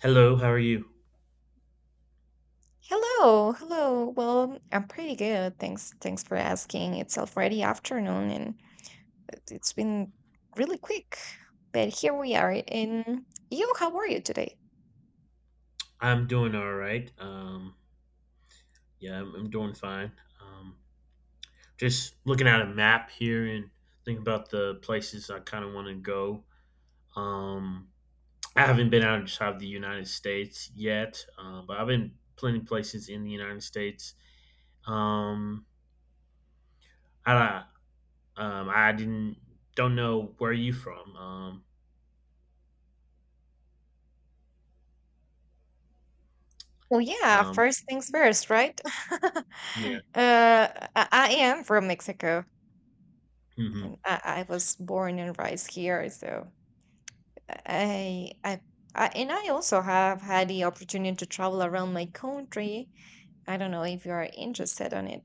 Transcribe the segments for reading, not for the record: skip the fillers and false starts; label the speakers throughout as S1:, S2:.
S1: Hello, how are you?
S2: Hello, hello. Well, I'm pretty good. Thanks for asking. It's already afternoon and it's been really quick. But here we are. And you, how are you today?
S1: I'm doing all right. Yeah, I'm doing fine. Um, just looking at a map here and thinking about the places I kind of want to go. Um, I haven't been outside of the United States yet, but I've been plenty places in the United States. Um, I I didn't don't know where you from.
S2: Well, yeah,
S1: Um,
S2: first things first, right? uh,
S1: yeah.
S2: I am from Mexico,
S1: Hmm.
S2: and I was born and raised here, so I, I, and I also have had the opportunity to travel around my country. I don't know if you are interested on it.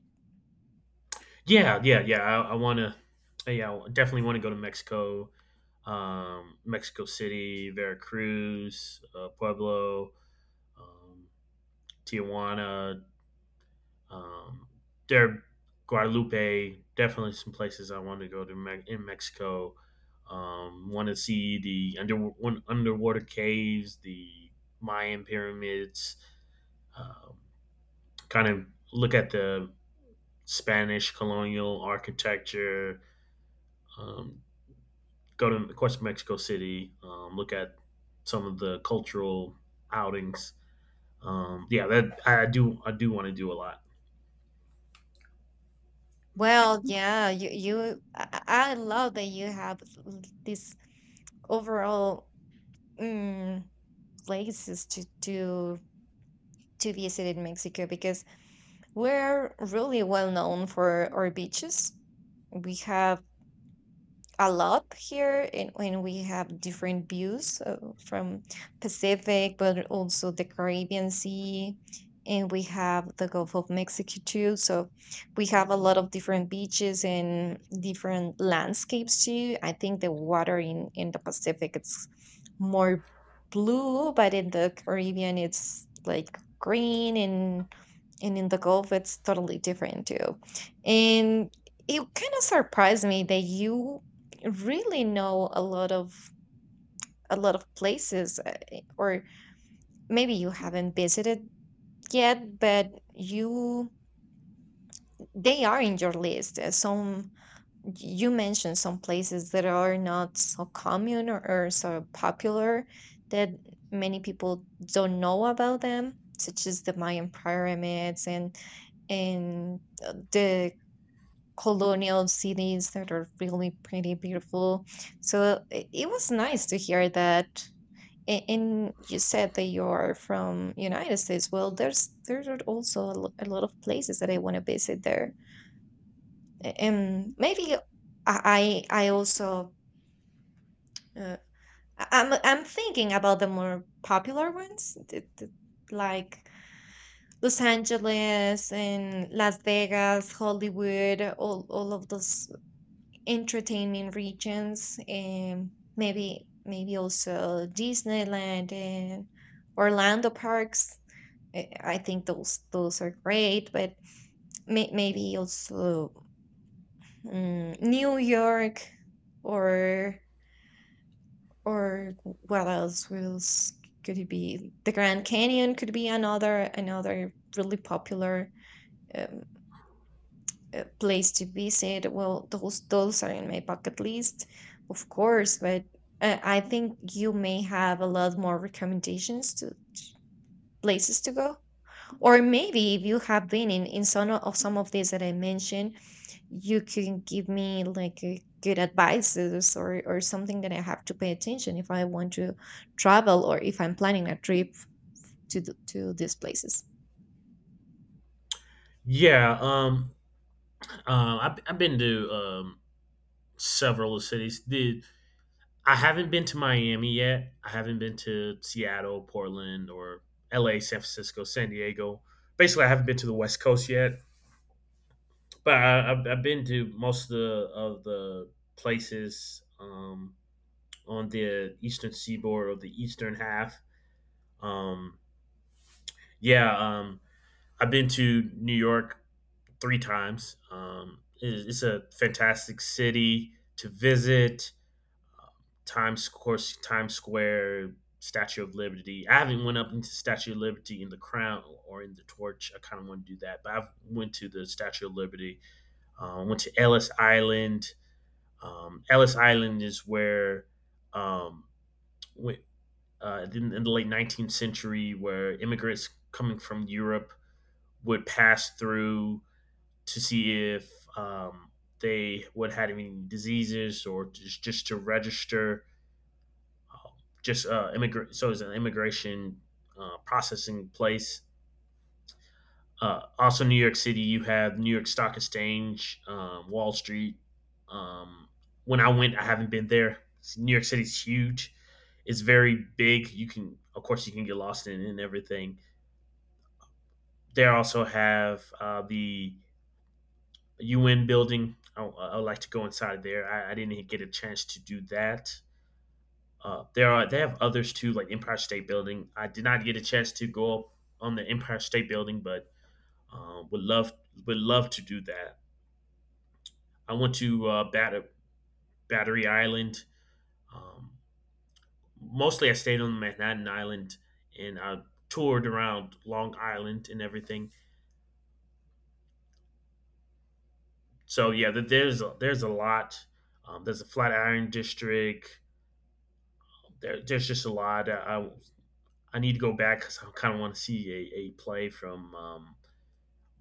S1: Yeah, yeah, yeah. I want to. Yeah, I definitely want to go to Mexico, Mexico City, Veracruz, Pueblo, um, Tijuana, um, there, Guadalupe. Definitely some places I want to go to in Mexico. Want to see the underwater caves, the Mayan pyramids. Um, Kind of look at the Spanish colonial architecture. Um, Go to of course Mexico City, look at some of the cultural outings. Yeah, that I do want to do a lot.
S2: Well, yeah, you I love that you have this overall mm, places to visit in Mexico, because we're really well known for our beaches. We have a lot here, and we have different views, from Pacific but also the Caribbean sea, and we have the Gulf of Mexico too, so we have a lot of different beaches and different landscapes too. I think the water in the Pacific it's more blue, but in the Caribbean it's like green, and in the Gulf it's totally different too. And it kind of surprised me that you really know a lot of places or maybe you haven't visited yet, but you they are in your list. Some you mentioned some places that are not so common or so popular, that many people don't know about them, such as the Mayan pyramids and the colonial cities that are really pretty beautiful, so it was nice to hear that. And you said that you're from United States. Well, there are also a lot of places that I want to visit there. And maybe I also uh, I'm thinking about the more popular ones, like Los Angeles and Las Vegas, Hollywood, all of those entertainment regions, and maybe also Disneyland and Orlando parks. I think those are great, but maybe also, New York, or or what else was could it be? The Grand Canyon could be another really popular um, place to visit. Well, those are in my bucket list, of course, but I think you may have a lot more recommendations to places to go. Or maybe if you have been in some of some of these that I mentioned, you can give me like a good advices, or something that I have to pay attention if I want to travel or if I'm planning a trip to these places.
S1: Yeah, I've been to several cities. The I haven't been to Miami yet. I haven't been to Seattle, Portland, or L.A., San Francisco, San Diego. Basically, I haven't been to the West Coast yet, but I've been to most of the places on the eastern seaboard or the eastern half. Um, yeah, I've been to New York three times. It's a fantastic city to visit. uh, Times, of course, Times Square, Statue of Liberty. I haven't went up into Statue of Liberty in the Crown or in the Torch. I kind of want to do that, but I've went to the Statue of Liberty. Went to Ellis Island. Ellis Island is where, um, wh- in the late 19th century, where immigrants coming from Europe would pass through to see if um, they would had any diseases or just to register just immigrant, so it's an immigration processing place. Also, New York City, you have New York Stock Exchange, Wall Street. um, when I went, I haven't been there. New York City's huge. It's very big. You can, of course, you can get lost in and everything. They also have the UN building. I would like to go inside of there. I didn't get a chance to do that. There are they have others too, like Empire State Building. I did not get a chance to go up on the Empire State Building, but uh, would love would love to do that. I went to Battery Island. Um, Mostly, I stayed on Manhattan Island and I toured around Long Island and everything. So yeah, there's a lot. There's a Flatiron District. There's just a lot. I need to go back because I kind of want to see a play from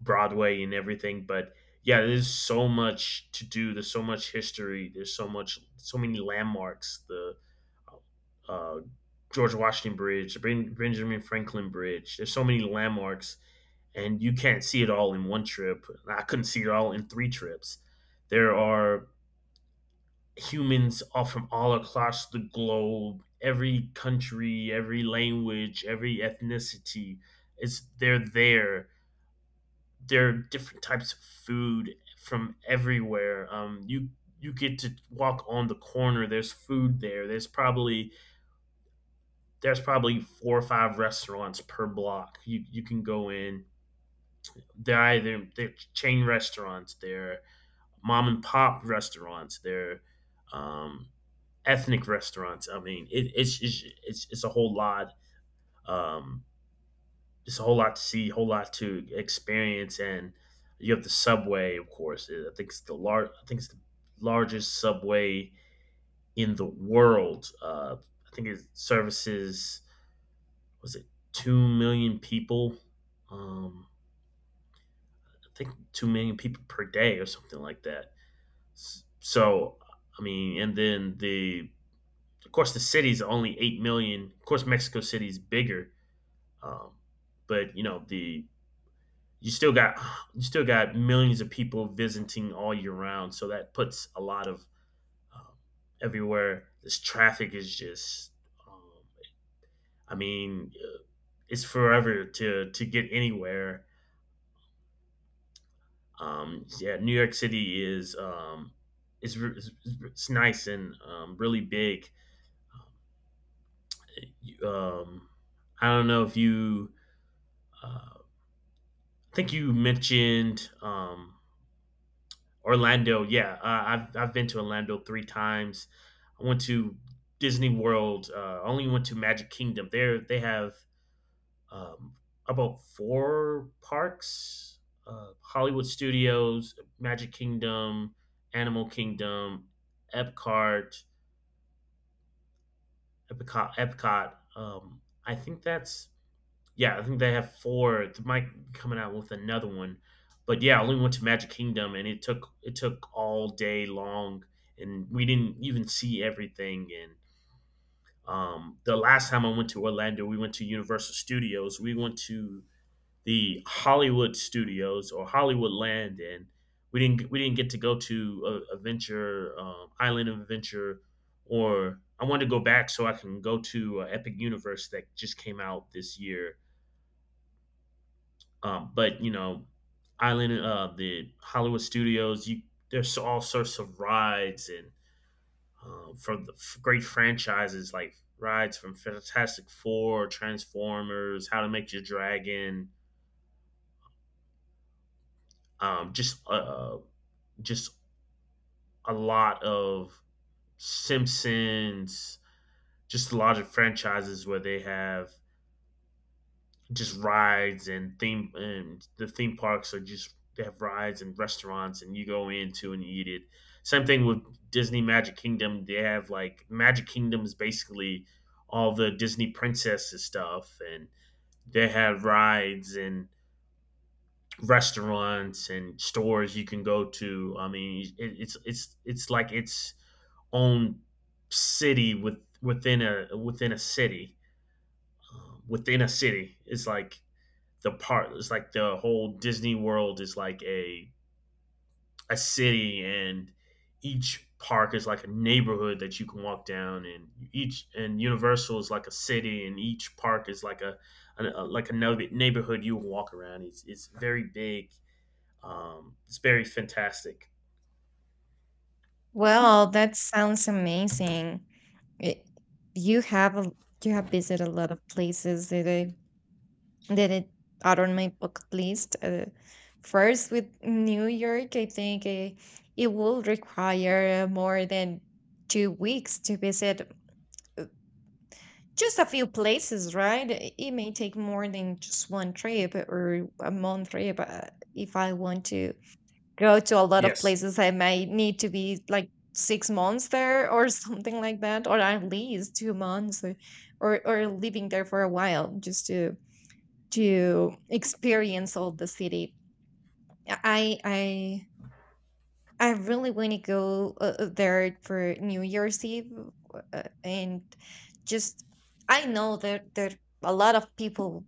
S1: Broadway and everything. But yeah, there's so much to do. There's so much history. There's so much, so many landmarks. The uh, uh, George Washington Bridge, the Benjamin Franklin Bridge. There's so many landmarks, and you can't see it all in one trip. I couldn't see it all in three trips. There are Humans are from all across the globe, every country, every language, every ethnicity. It's They're there. There are different types of food from everywhere. You get to walk on the corner. There's food there. There's probably four or five restaurants per block. You can go in. They're either they're chain restaurants. They're mom and pop restaurants. They're um, ethnic restaurants. I mean, it's a whole lot. Um, it's a whole lot to see, a whole lot to experience, and you have the subway, of course. I think it's the largest subway in the world. I think it services was it 2 million people. Um, I think 2 million people per day or something like that. So I mean, and then the of course the city's only 8 million. Of course, Mexico City's bigger. Um, but you know, the you still got millions of people visiting all year round, so that puts a lot of um, everywhere. This traffic is just, um, I mean, uh, it's forever to get anywhere. Yeah, New York City is is re- it's nice and really big. Um, I don't know if you. Uh, I think you mentioned Orlando, yeah, I've been to Orlando three times. I went to Disney World. I only went to Magic Kingdom. There they have um, about four parks: Hollywood Studios, Magic Kingdom, Animal Kingdom, Epcot, Epcot. I think that's Yeah, I think they have four. They might be coming out with another one, but yeah, I only went to Magic Kingdom, and it took all day long, and we didn't even see everything. And the last time I went to Orlando, we went to Universal Studios. We went to the Hollywood Studios or Hollywood Land, and we didn't get to go to Adventure Island of Adventure, or I wanted to go back so I can go to Epic Universe that just came out this year. But you know, Island, the Hollywood Studios, you there's all sorts of rides and from the great franchises like rides from Fantastic Four, Transformers, How to Make Your Dragon, um, just uh, just a lot of Simpsons, just a lot of franchises where they have just rides and theme parks are just they have rides and restaurants and you go into and eat it. Same thing with Disney Magic Kingdom. They have like Magic Kingdom is basically all the Disney princesses stuff and they have rides and restaurants and stores you can go to. I mean, it, it's like its own city within a city. It's like the part it's like the whole Disney World is like a city and each park is like a neighborhood that you can walk down, and each and Universal is like a city and each park is like a neighborhood you can walk around. It's very big, it's very fantastic.
S2: Well, that sounds amazing. It, you have a, you have visited a lot of places that I then it out on my bucket list. First, with New York, I think it will require more than 2 weeks to visit, uh, just a few places, right? It may take more than just one trip or a month trip. If I want to go to a lot of
S1: Yes.
S2: places, I might need to be like 6 months there or something like that, or at least 2 months, or living there for a while just to experience all the city. I I I really want to go there for New Year's Eve, and just I know that a lot of people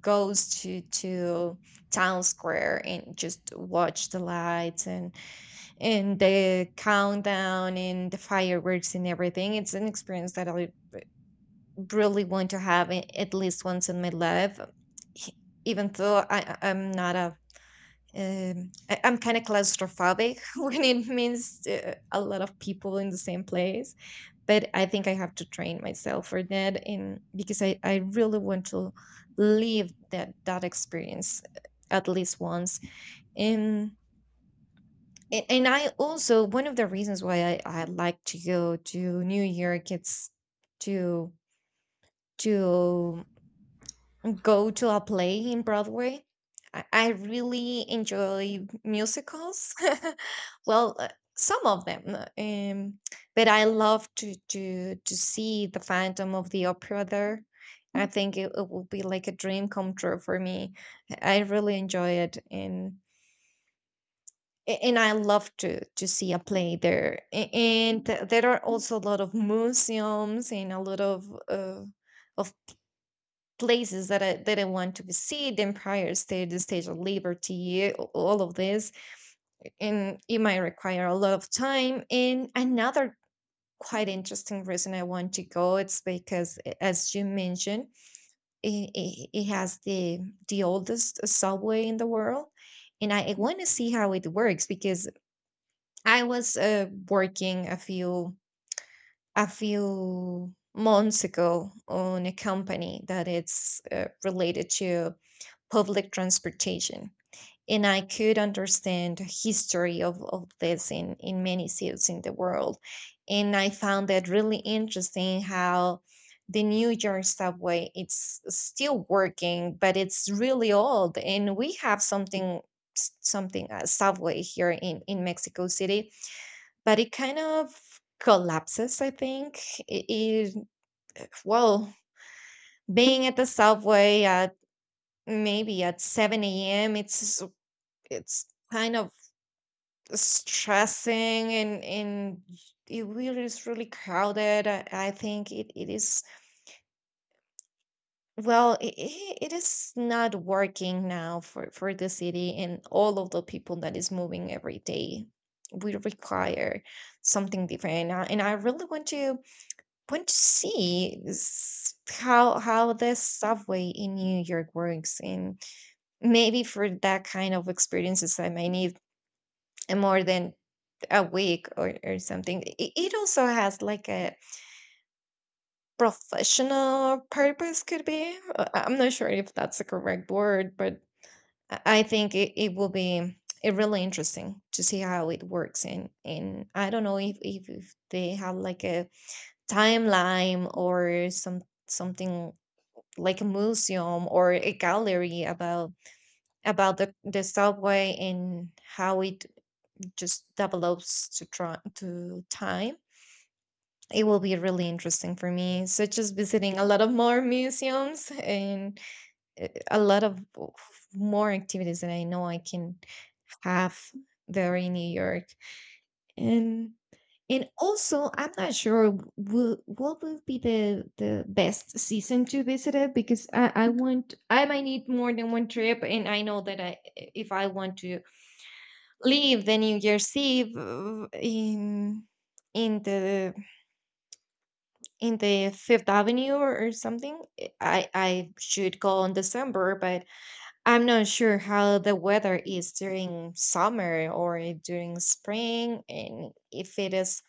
S2: goes to town square and just watch the lights and the countdown and the fireworks and everything. It's an experience that I really want to have, at least once in my life. e- Even though I- I'm not a I, I'm kind of claustrophobic when it means a lot of people in the same place, but I think I have to train myself for that, and because I really want to live that experience, at least once. And and I also one of the reasons why I like to go to New York it's to to go to a play in Broadway. I really enjoy musicals. Well, some of them, but I love to see the Phantom of the Opera there. I think it will be like a dream come true for me. I really enjoy it, and I love to see a play there, there are also a lot of museums and a lot uh, of places that I didn't want to visit, the Empire State, the Stage of Liberty, all of this. And it might require a lot of time. And another quite interesting reason I want to go, it's because as you mentioned, it has the oldest subway in the world, and I want to see how it works, because I was working a few months ago on a company that it's related to public transportation. And I could understand the history of this in many cities in the world. And I found that really interesting how the New York subway it's still working, but it's really old. And we have something something a subway here in Mexico City, but it kind of collapses, I think. It, it well, being at the subway, at maybe at 7 a.m., it's kind of stressing, and it really is really crowded. I think it is, well, it is not working now for the city, and all of the people that is moving every day we require something different. And I really want to see, how this subway in New York works, and maybe for that kind of experiences I may need a more than a week, or something. It also has like a professional purpose, could be. I'm not sure if that's the correct word, but I think it, it will be it really interesting to see how it works. And I don't know if they have like a timeline or something like a museum or a gallery about the subway and how it just develops to try to time. It will be really interesting for me, such as visiting a lot of more museums and a lot of more activities that I know I can have there in New York. And and also, I'm not sure, what will be the best season to visit it, because I want I might need more than one trip, and I know that I if I want to leave the New Year's Eve, in in the the Fifth Avenue, or something. I should go in December, but I'm not sure how the weather is during summer or during spring, and if it is,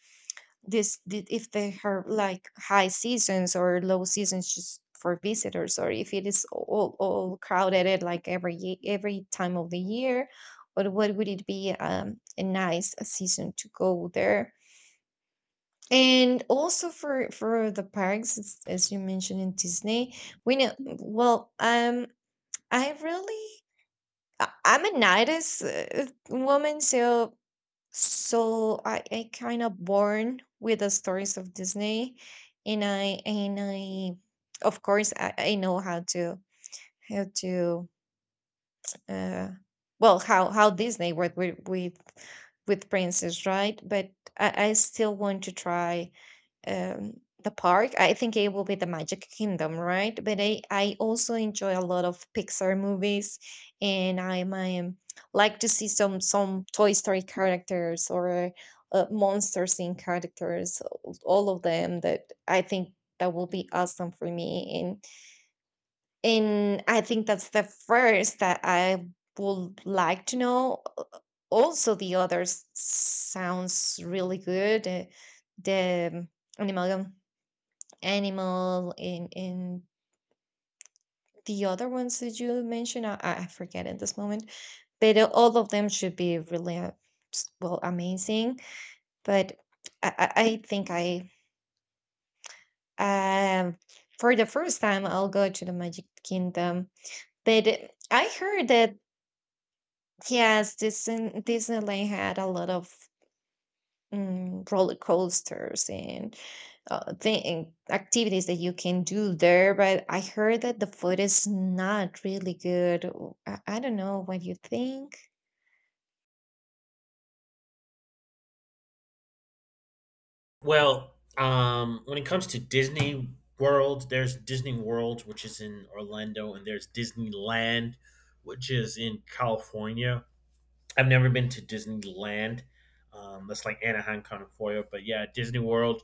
S2: if they have like high seasons or low seasons just for visitors, or if it is all crowded at like every time of the year. Or what would it be, a nice season to go there? And also for the parks, as you mentioned in Disney, we know. Well, I really, I'm a night as woman, so I kind of born with the stories of Disney, and I, of course, I know how to uh, well, how Disney worked with with princess, right? But I still want to try, um, the park. I think it will be the Magic Kingdom, right? But I also enjoy a lot of Pixar movies, and I might like to see some Toy Story characters or, Monsters in characters, all of them. That I think that will be awesome for me, and I think that's the first that I would like to know. Also, the others sounds really good. The Animal Animal, in the other ones that you mentioned, I forget at this moment, but all of them should be really, well, amazing. But I think, um, for the first time, I'll go to the Magic Kingdom. But I heard that, yes, Disneyland had a lot of roller coasters and thing activities that you can do there, but I heard that the food is not really good. I don't know what you think.
S1: When it comes to Disney World, there's Disney World, which is in Orlando, and there's Disneyland, which is in California. I've never been to Disneyland. That's like Anaheim kind of for you. But yeah, Disney World,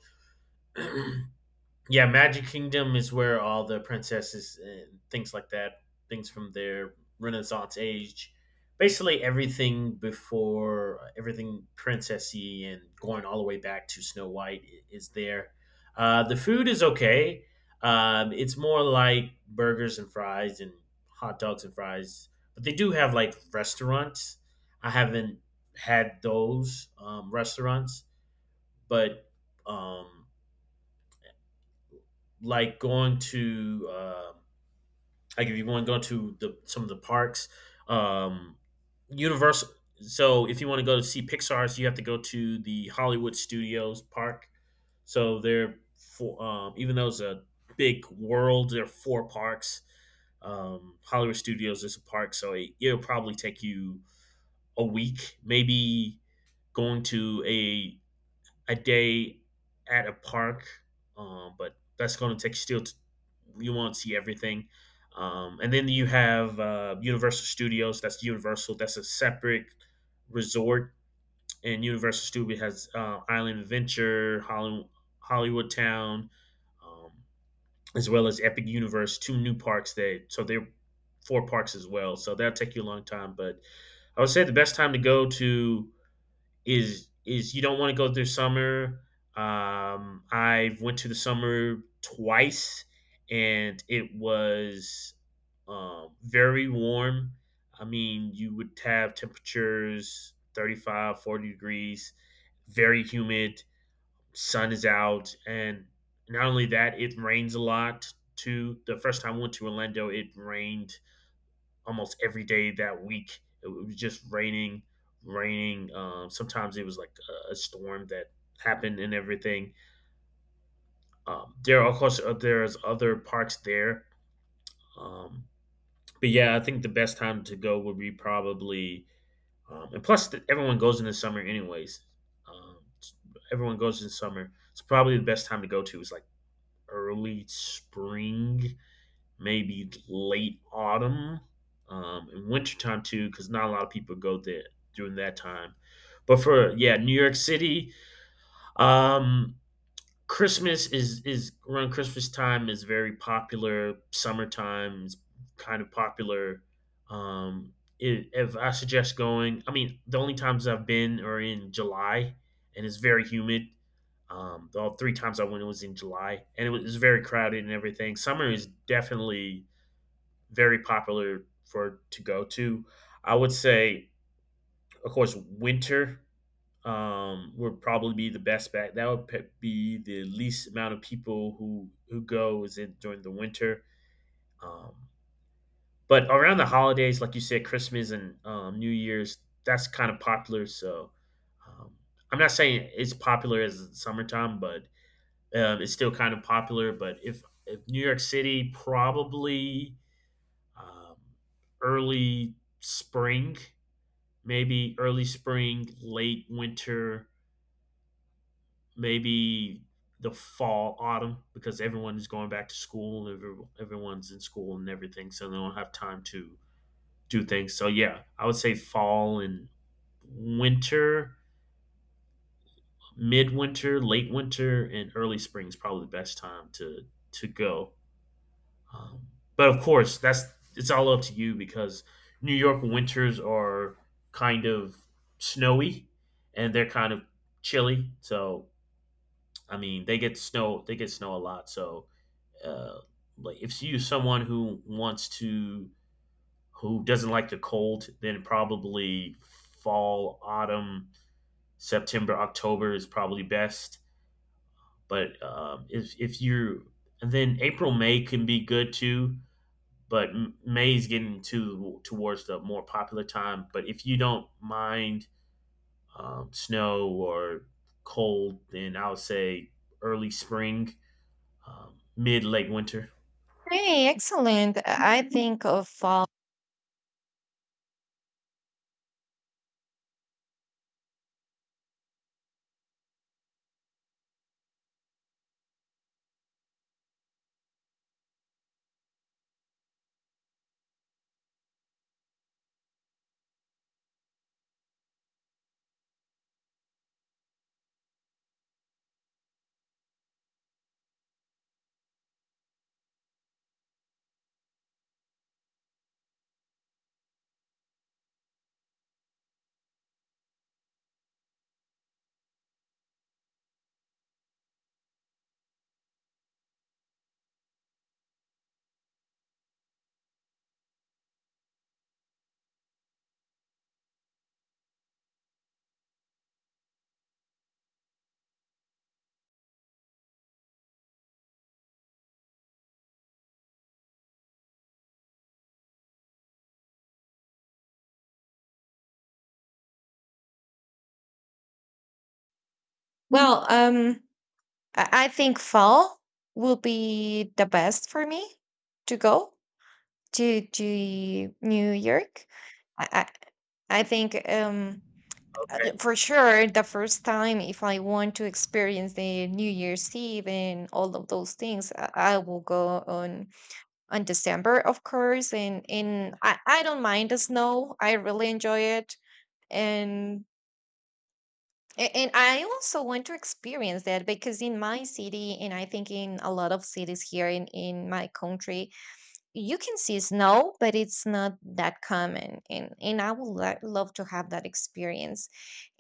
S1: yeah, Magic Kingdom is where all the princesses and things like that, things from their Renaissance age, basically everything before everything princessy and going all the way back to Snow White is there. The food is okay. It's more like burgers and fries and hot dogs and fries, but they do have like restaurants. I haven't had those restaurants, but um, like going to uh, like if you want to go to the some of the parks, um, Universal. So if you want to go to see Pixar's, you have to go to the Hollywood Studios Park. So they're four, even though it's a big world, there are four parks. Hollywood Studios is a park, so it'll probably take you a week, maybe going to a day at a park, but that's going to take still. You won't see everything, and then you have Universal Studios. That's Universal. That's a separate resort, and Universal Studio has Island Adventure, Hollywood Town, um, as well as Epic Universe. Two new parks there, so they're four parks as well. So that'll take you a long time, but I would say the best time to go to is you don't want to go through summer. I went to the summer twice, and it was very warm. I mean, you would have temperatures 35, 40 degrees, very humid, sun is out, and not only that, it rains a lot too. The first time I went to Orlando, it rained almost every day that week. It was just raining. Sometimes it was like a storm that happened and everything. There's other parks there. Um, but yeah, I think the best time to go would be probably, and plus everyone goes in the summer anyways. Um, Everyone goes in summer. It's probably the best time to go to is like early spring, maybe late autumn, and wintertime too, because not a lot of people go there during that time. But for yeah, New York City, um, Christmas is around Christmas time is very popular. Summertime is kind of popular. Um, I If I suggest going, I mean the only times I've been are in July, and it's very humid. All three times I went, it was in July, and it was very crowded and everything. Summer is definitely very popular for to go to. I would say, of course, winter would probably be the best bet. That would be the least amount of people who go is in during the winter. Um, but around the holidays, like you said, Christmas and New Year's, that's kind of popular. So um, I'm not saying it's popular as summertime, but it's still kind of popular. But if New York City probably um, early spring, maybe early spring, late winter, maybe the fall, autumn, because everyone is going back to school. Everyone's in school and everything, so they don't have time to do things. So yeah, I would say fall and winter, midwinter, late winter, and early spring is probably the best time to go. Um, but of course, that's it's all up to you because New York winters are kind of snowy and they're kind of chilly. So I mean, they get snow. They get snow a lot. So uh, like, if you someone who wants to who doesn't like the cold, then probably fall, autumn, September, October is probably best. But if you and then April, May can be good too but May's getting to towards the more popular time. But if you don't mind snow or cold, then I would say early spring, mid late winter.
S2: Hey, excellent. I think of fall. Well, I think fall will be the best for me to go to New York. I i, I think,
S1: Okay.
S2: for sure the first time if I want to experience the New Year's Eve and all of those things, I will go on, December, of course. And I don't mind the snow. I really enjoy it. And and I also want to experience that, because in my city, and I think in a lot of cities here in my country, you can see snow, but it's not that common. And I would love to have that experience.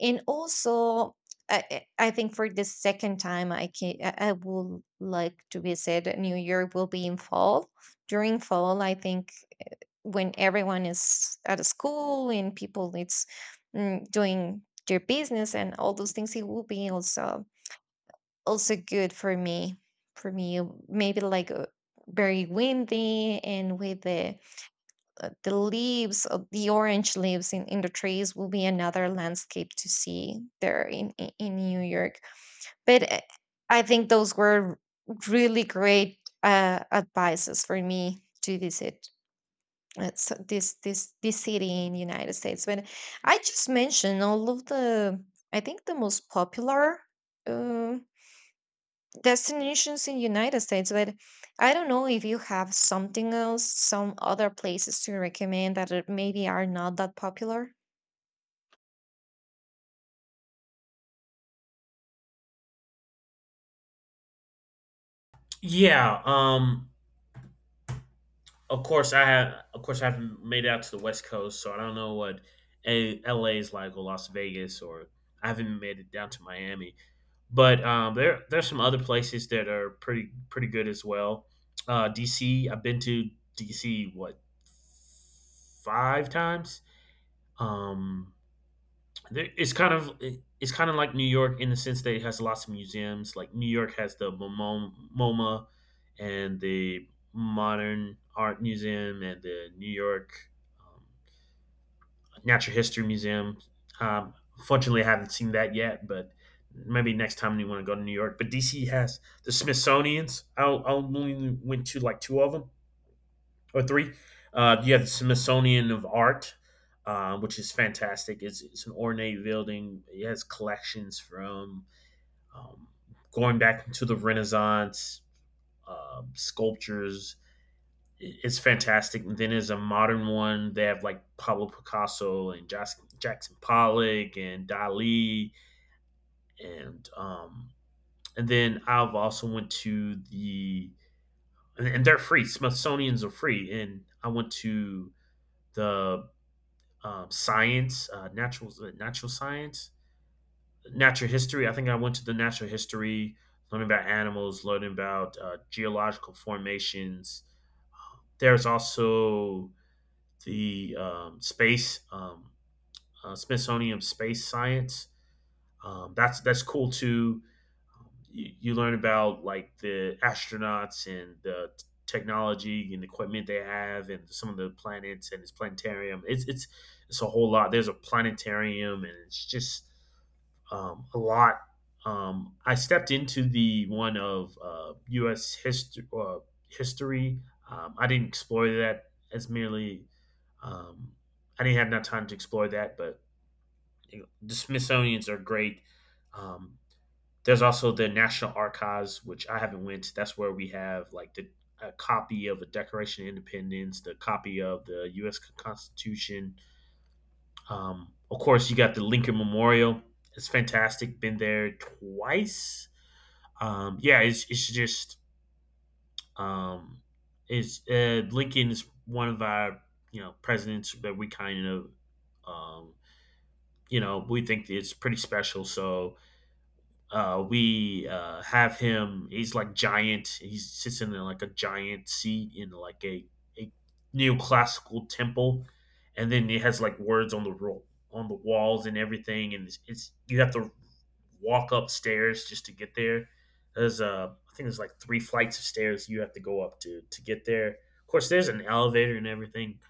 S2: And also I think for the second time I can I would like to visit New York will be in fall, during fall I think, when everyone is at a school and people it's, doing their business, and all those things it will be also good for me for me maybe, like, very windy, and with the leaves of the orange leaves in the trees will be another landscape to see there in New York. But I think those were really great, advices for me to visit, so this city in United States. When I just mentioned all of the, I think the most popular, uh, destinations in United States, but I don't know if you have something else, some other places to recommend that, maybe are not that popular.
S1: Yeah. Of course, I have. Of course, I haven't made it out to the West Coast, so I don't know what LA is like or Las Vegas, or I haven't made it down to Miami. But there, there's some other places that are pretty, pretty good as well. DC. I've been to DC what five times. Um, there, it's kind of like New York in the sense that it has lots of museums. Like New York has the MoMo MoMA and the Modern Art Museum and the New York um, Natural History Museum. Um, Fortunately, I haven't seen that yet, but maybe next time you want to go to New York. But DC has the Smithsonian's. I only went to like two of them or three. You have the Smithsonian of Art, which is fantastic. It's an ornate building. It has collections from um, going back to the Renaissance, sculptures. It's fantastic. And then there's a modern one. They have like Pablo Picasso and Jackson Pollock and Dali, and um, and then I've also went to the and they're free. Smithsonian's are free, and I went to the science, natural science, natural history. I think I went to the natural history, learning about animals, learning about geological formations. There's also the space Smithsonian Space Science. That's cool too. You learn about like the astronauts and the technology and equipment they have and some of the planets and its planetarium. It's a whole lot. There's a planetarium and it's just a lot. I stepped into the one of US history history. I didn't explore that as merely um, I didn't have enough time to explore that, but you know, the Smithsonians are great. um, there's also the National Archives, which I haven't went to. That's where we have like the a copy of the Declaration of Independence, the copy of the U.S. Constitution. Of course, you got the Lincoln Memorial. It's fantastic. Been there twice. Yeah, it's just um, it's Lincoln is one of our you know presidents that we kind of um, you know we think it's pretty special. So we have him. He's like giant. He sits in like a giant seat in like a neoclassical temple, and then it has like words on the on the walls and everything. And it's you have to walk upstairs just to get there. There's I think there's like three flights of stairs you have to go up to get there. Of course, there's an elevator and everything,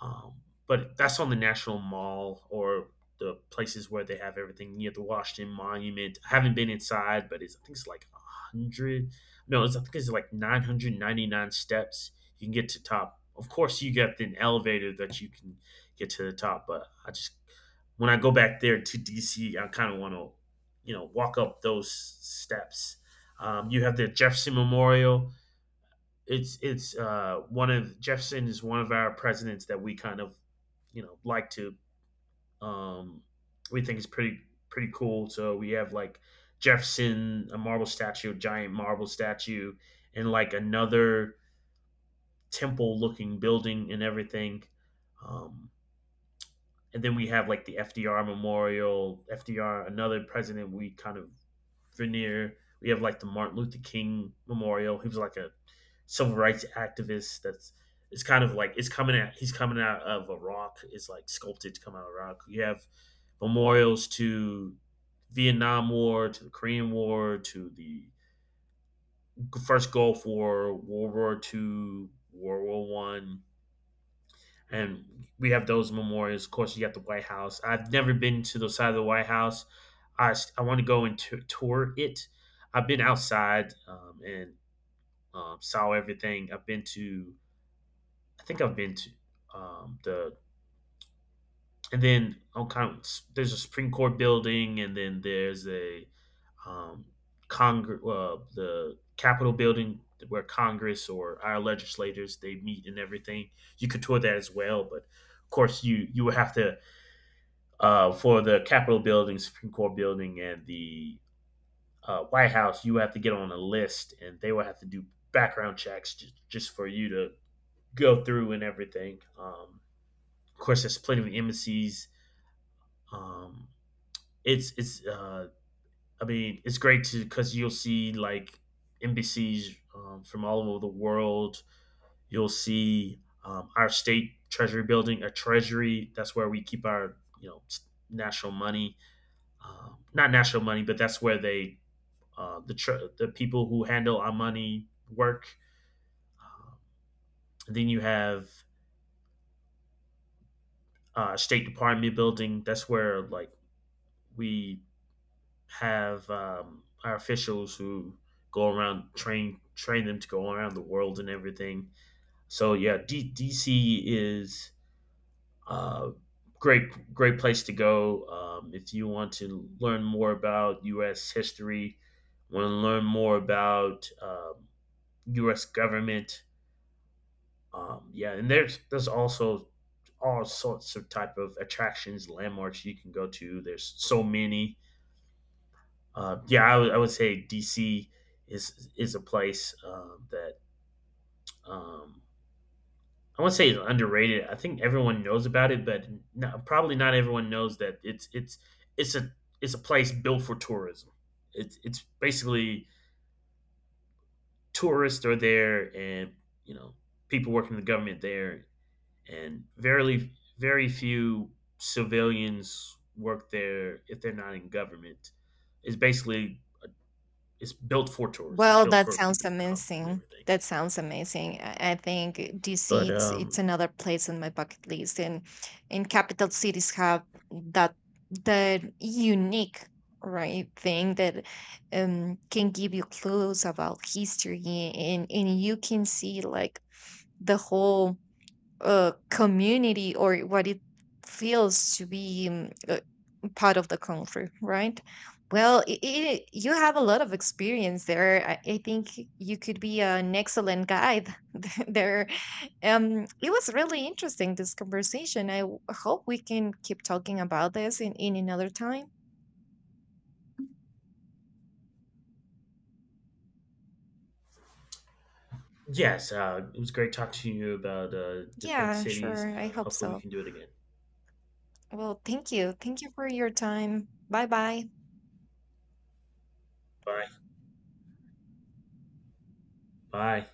S1: but that's on the National Mall or the places where they have everything near the Washington Monument. I haven't been inside, but it's I think it's like a hundred. No, it's, I think it's like 999 steps. You can get to top. Of course, you got an elevator that you can get to the top. But I just when I go back there to DC, I kind of want to you know walk up those steps. You have the Jefferson Memorial. It's one of Jefferson is one of our presidents that we kind of you know like to um, we think is pretty pretty cool. So we have like Jefferson, a marble statue, a giant marble statue, and like another temple looking building and everything. Um, and then we have like the FDR Memorial, FDR, another president we kind of veneer. We have like the Martin Luther King Memorial. He was like a civil rights activist. That's it's kind of like it's coming out. He's coming out of a rock. It's like sculpted to come out of a rock. You have memorials to Vietnam War, to the Korean War, to the first Gulf War, World War Two, World War One, and we have those memorials. Of course, you got the White House. I've never been to the side of the White House. I want to go and tour it. I've been outside and saw everything. I've been to, I think I've been to the, and then on kind of, there's a Supreme Court building, and then there's a um, Congress, the Capitol building where Congress or our legislators they meet and everything. You could tour that as well, but of course you would have to for the Capitol building, Supreme Court building, and the White House, you have to get on a list, and they will have to do background checks just for you to go through and everything. Of course, there's plenty of embassies. Um, it's I mean it's great to because you'll see like embassies from all over the world. You'll see our state treasury building, a treasury. That's where we keep our you know national money. Not national money, but that's where they the people who handle our money work. Uh, then you have State Department building. That's where like we have our officials who go around train them to go around the world and everything. So yeah, DC is a great great place to go if you want to learn more about U.S. history. Want to learn more about U.S. government. Yeah, and there's also all sorts of type of attractions, landmarks you can go to. There's so many. Yeah, I would say D.C. Is a place that um, I won't say is underrated. I think everyone knows about it, but not, probably not everyone knows that it's a it's a place built for tourism. It's basically tourists are there, and you know people working in the government there and very very few civilians work there if they're not in government. It's basically it's built for tourists. It's
S2: Well,
S1: built
S2: that
S1: for
S2: sounds
S1: people to come and
S2: amazing.
S1: everything.
S2: That sounds amazing. I think DC
S1: But
S2: it's another place on my bucket list, and capital cities have that that unique, right, thing that can give you clues about history, and you can see like the whole, community or what it feels to be, part of the country, right? Well, I you have a lot of experience there. I think you could be an excellent guide there. It was really interesting this conversation. I hope we can keep talking about this in another time.
S1: yes, it was great talking to you about different
S2: Yeah,
S1: cities.
S2: sure. I hope
S1: Hopefully, we
S2: so.
S1: can do it again.
S2: Well, thank you. Thank you for your time. Bye bye.
S1: Bye. Bye.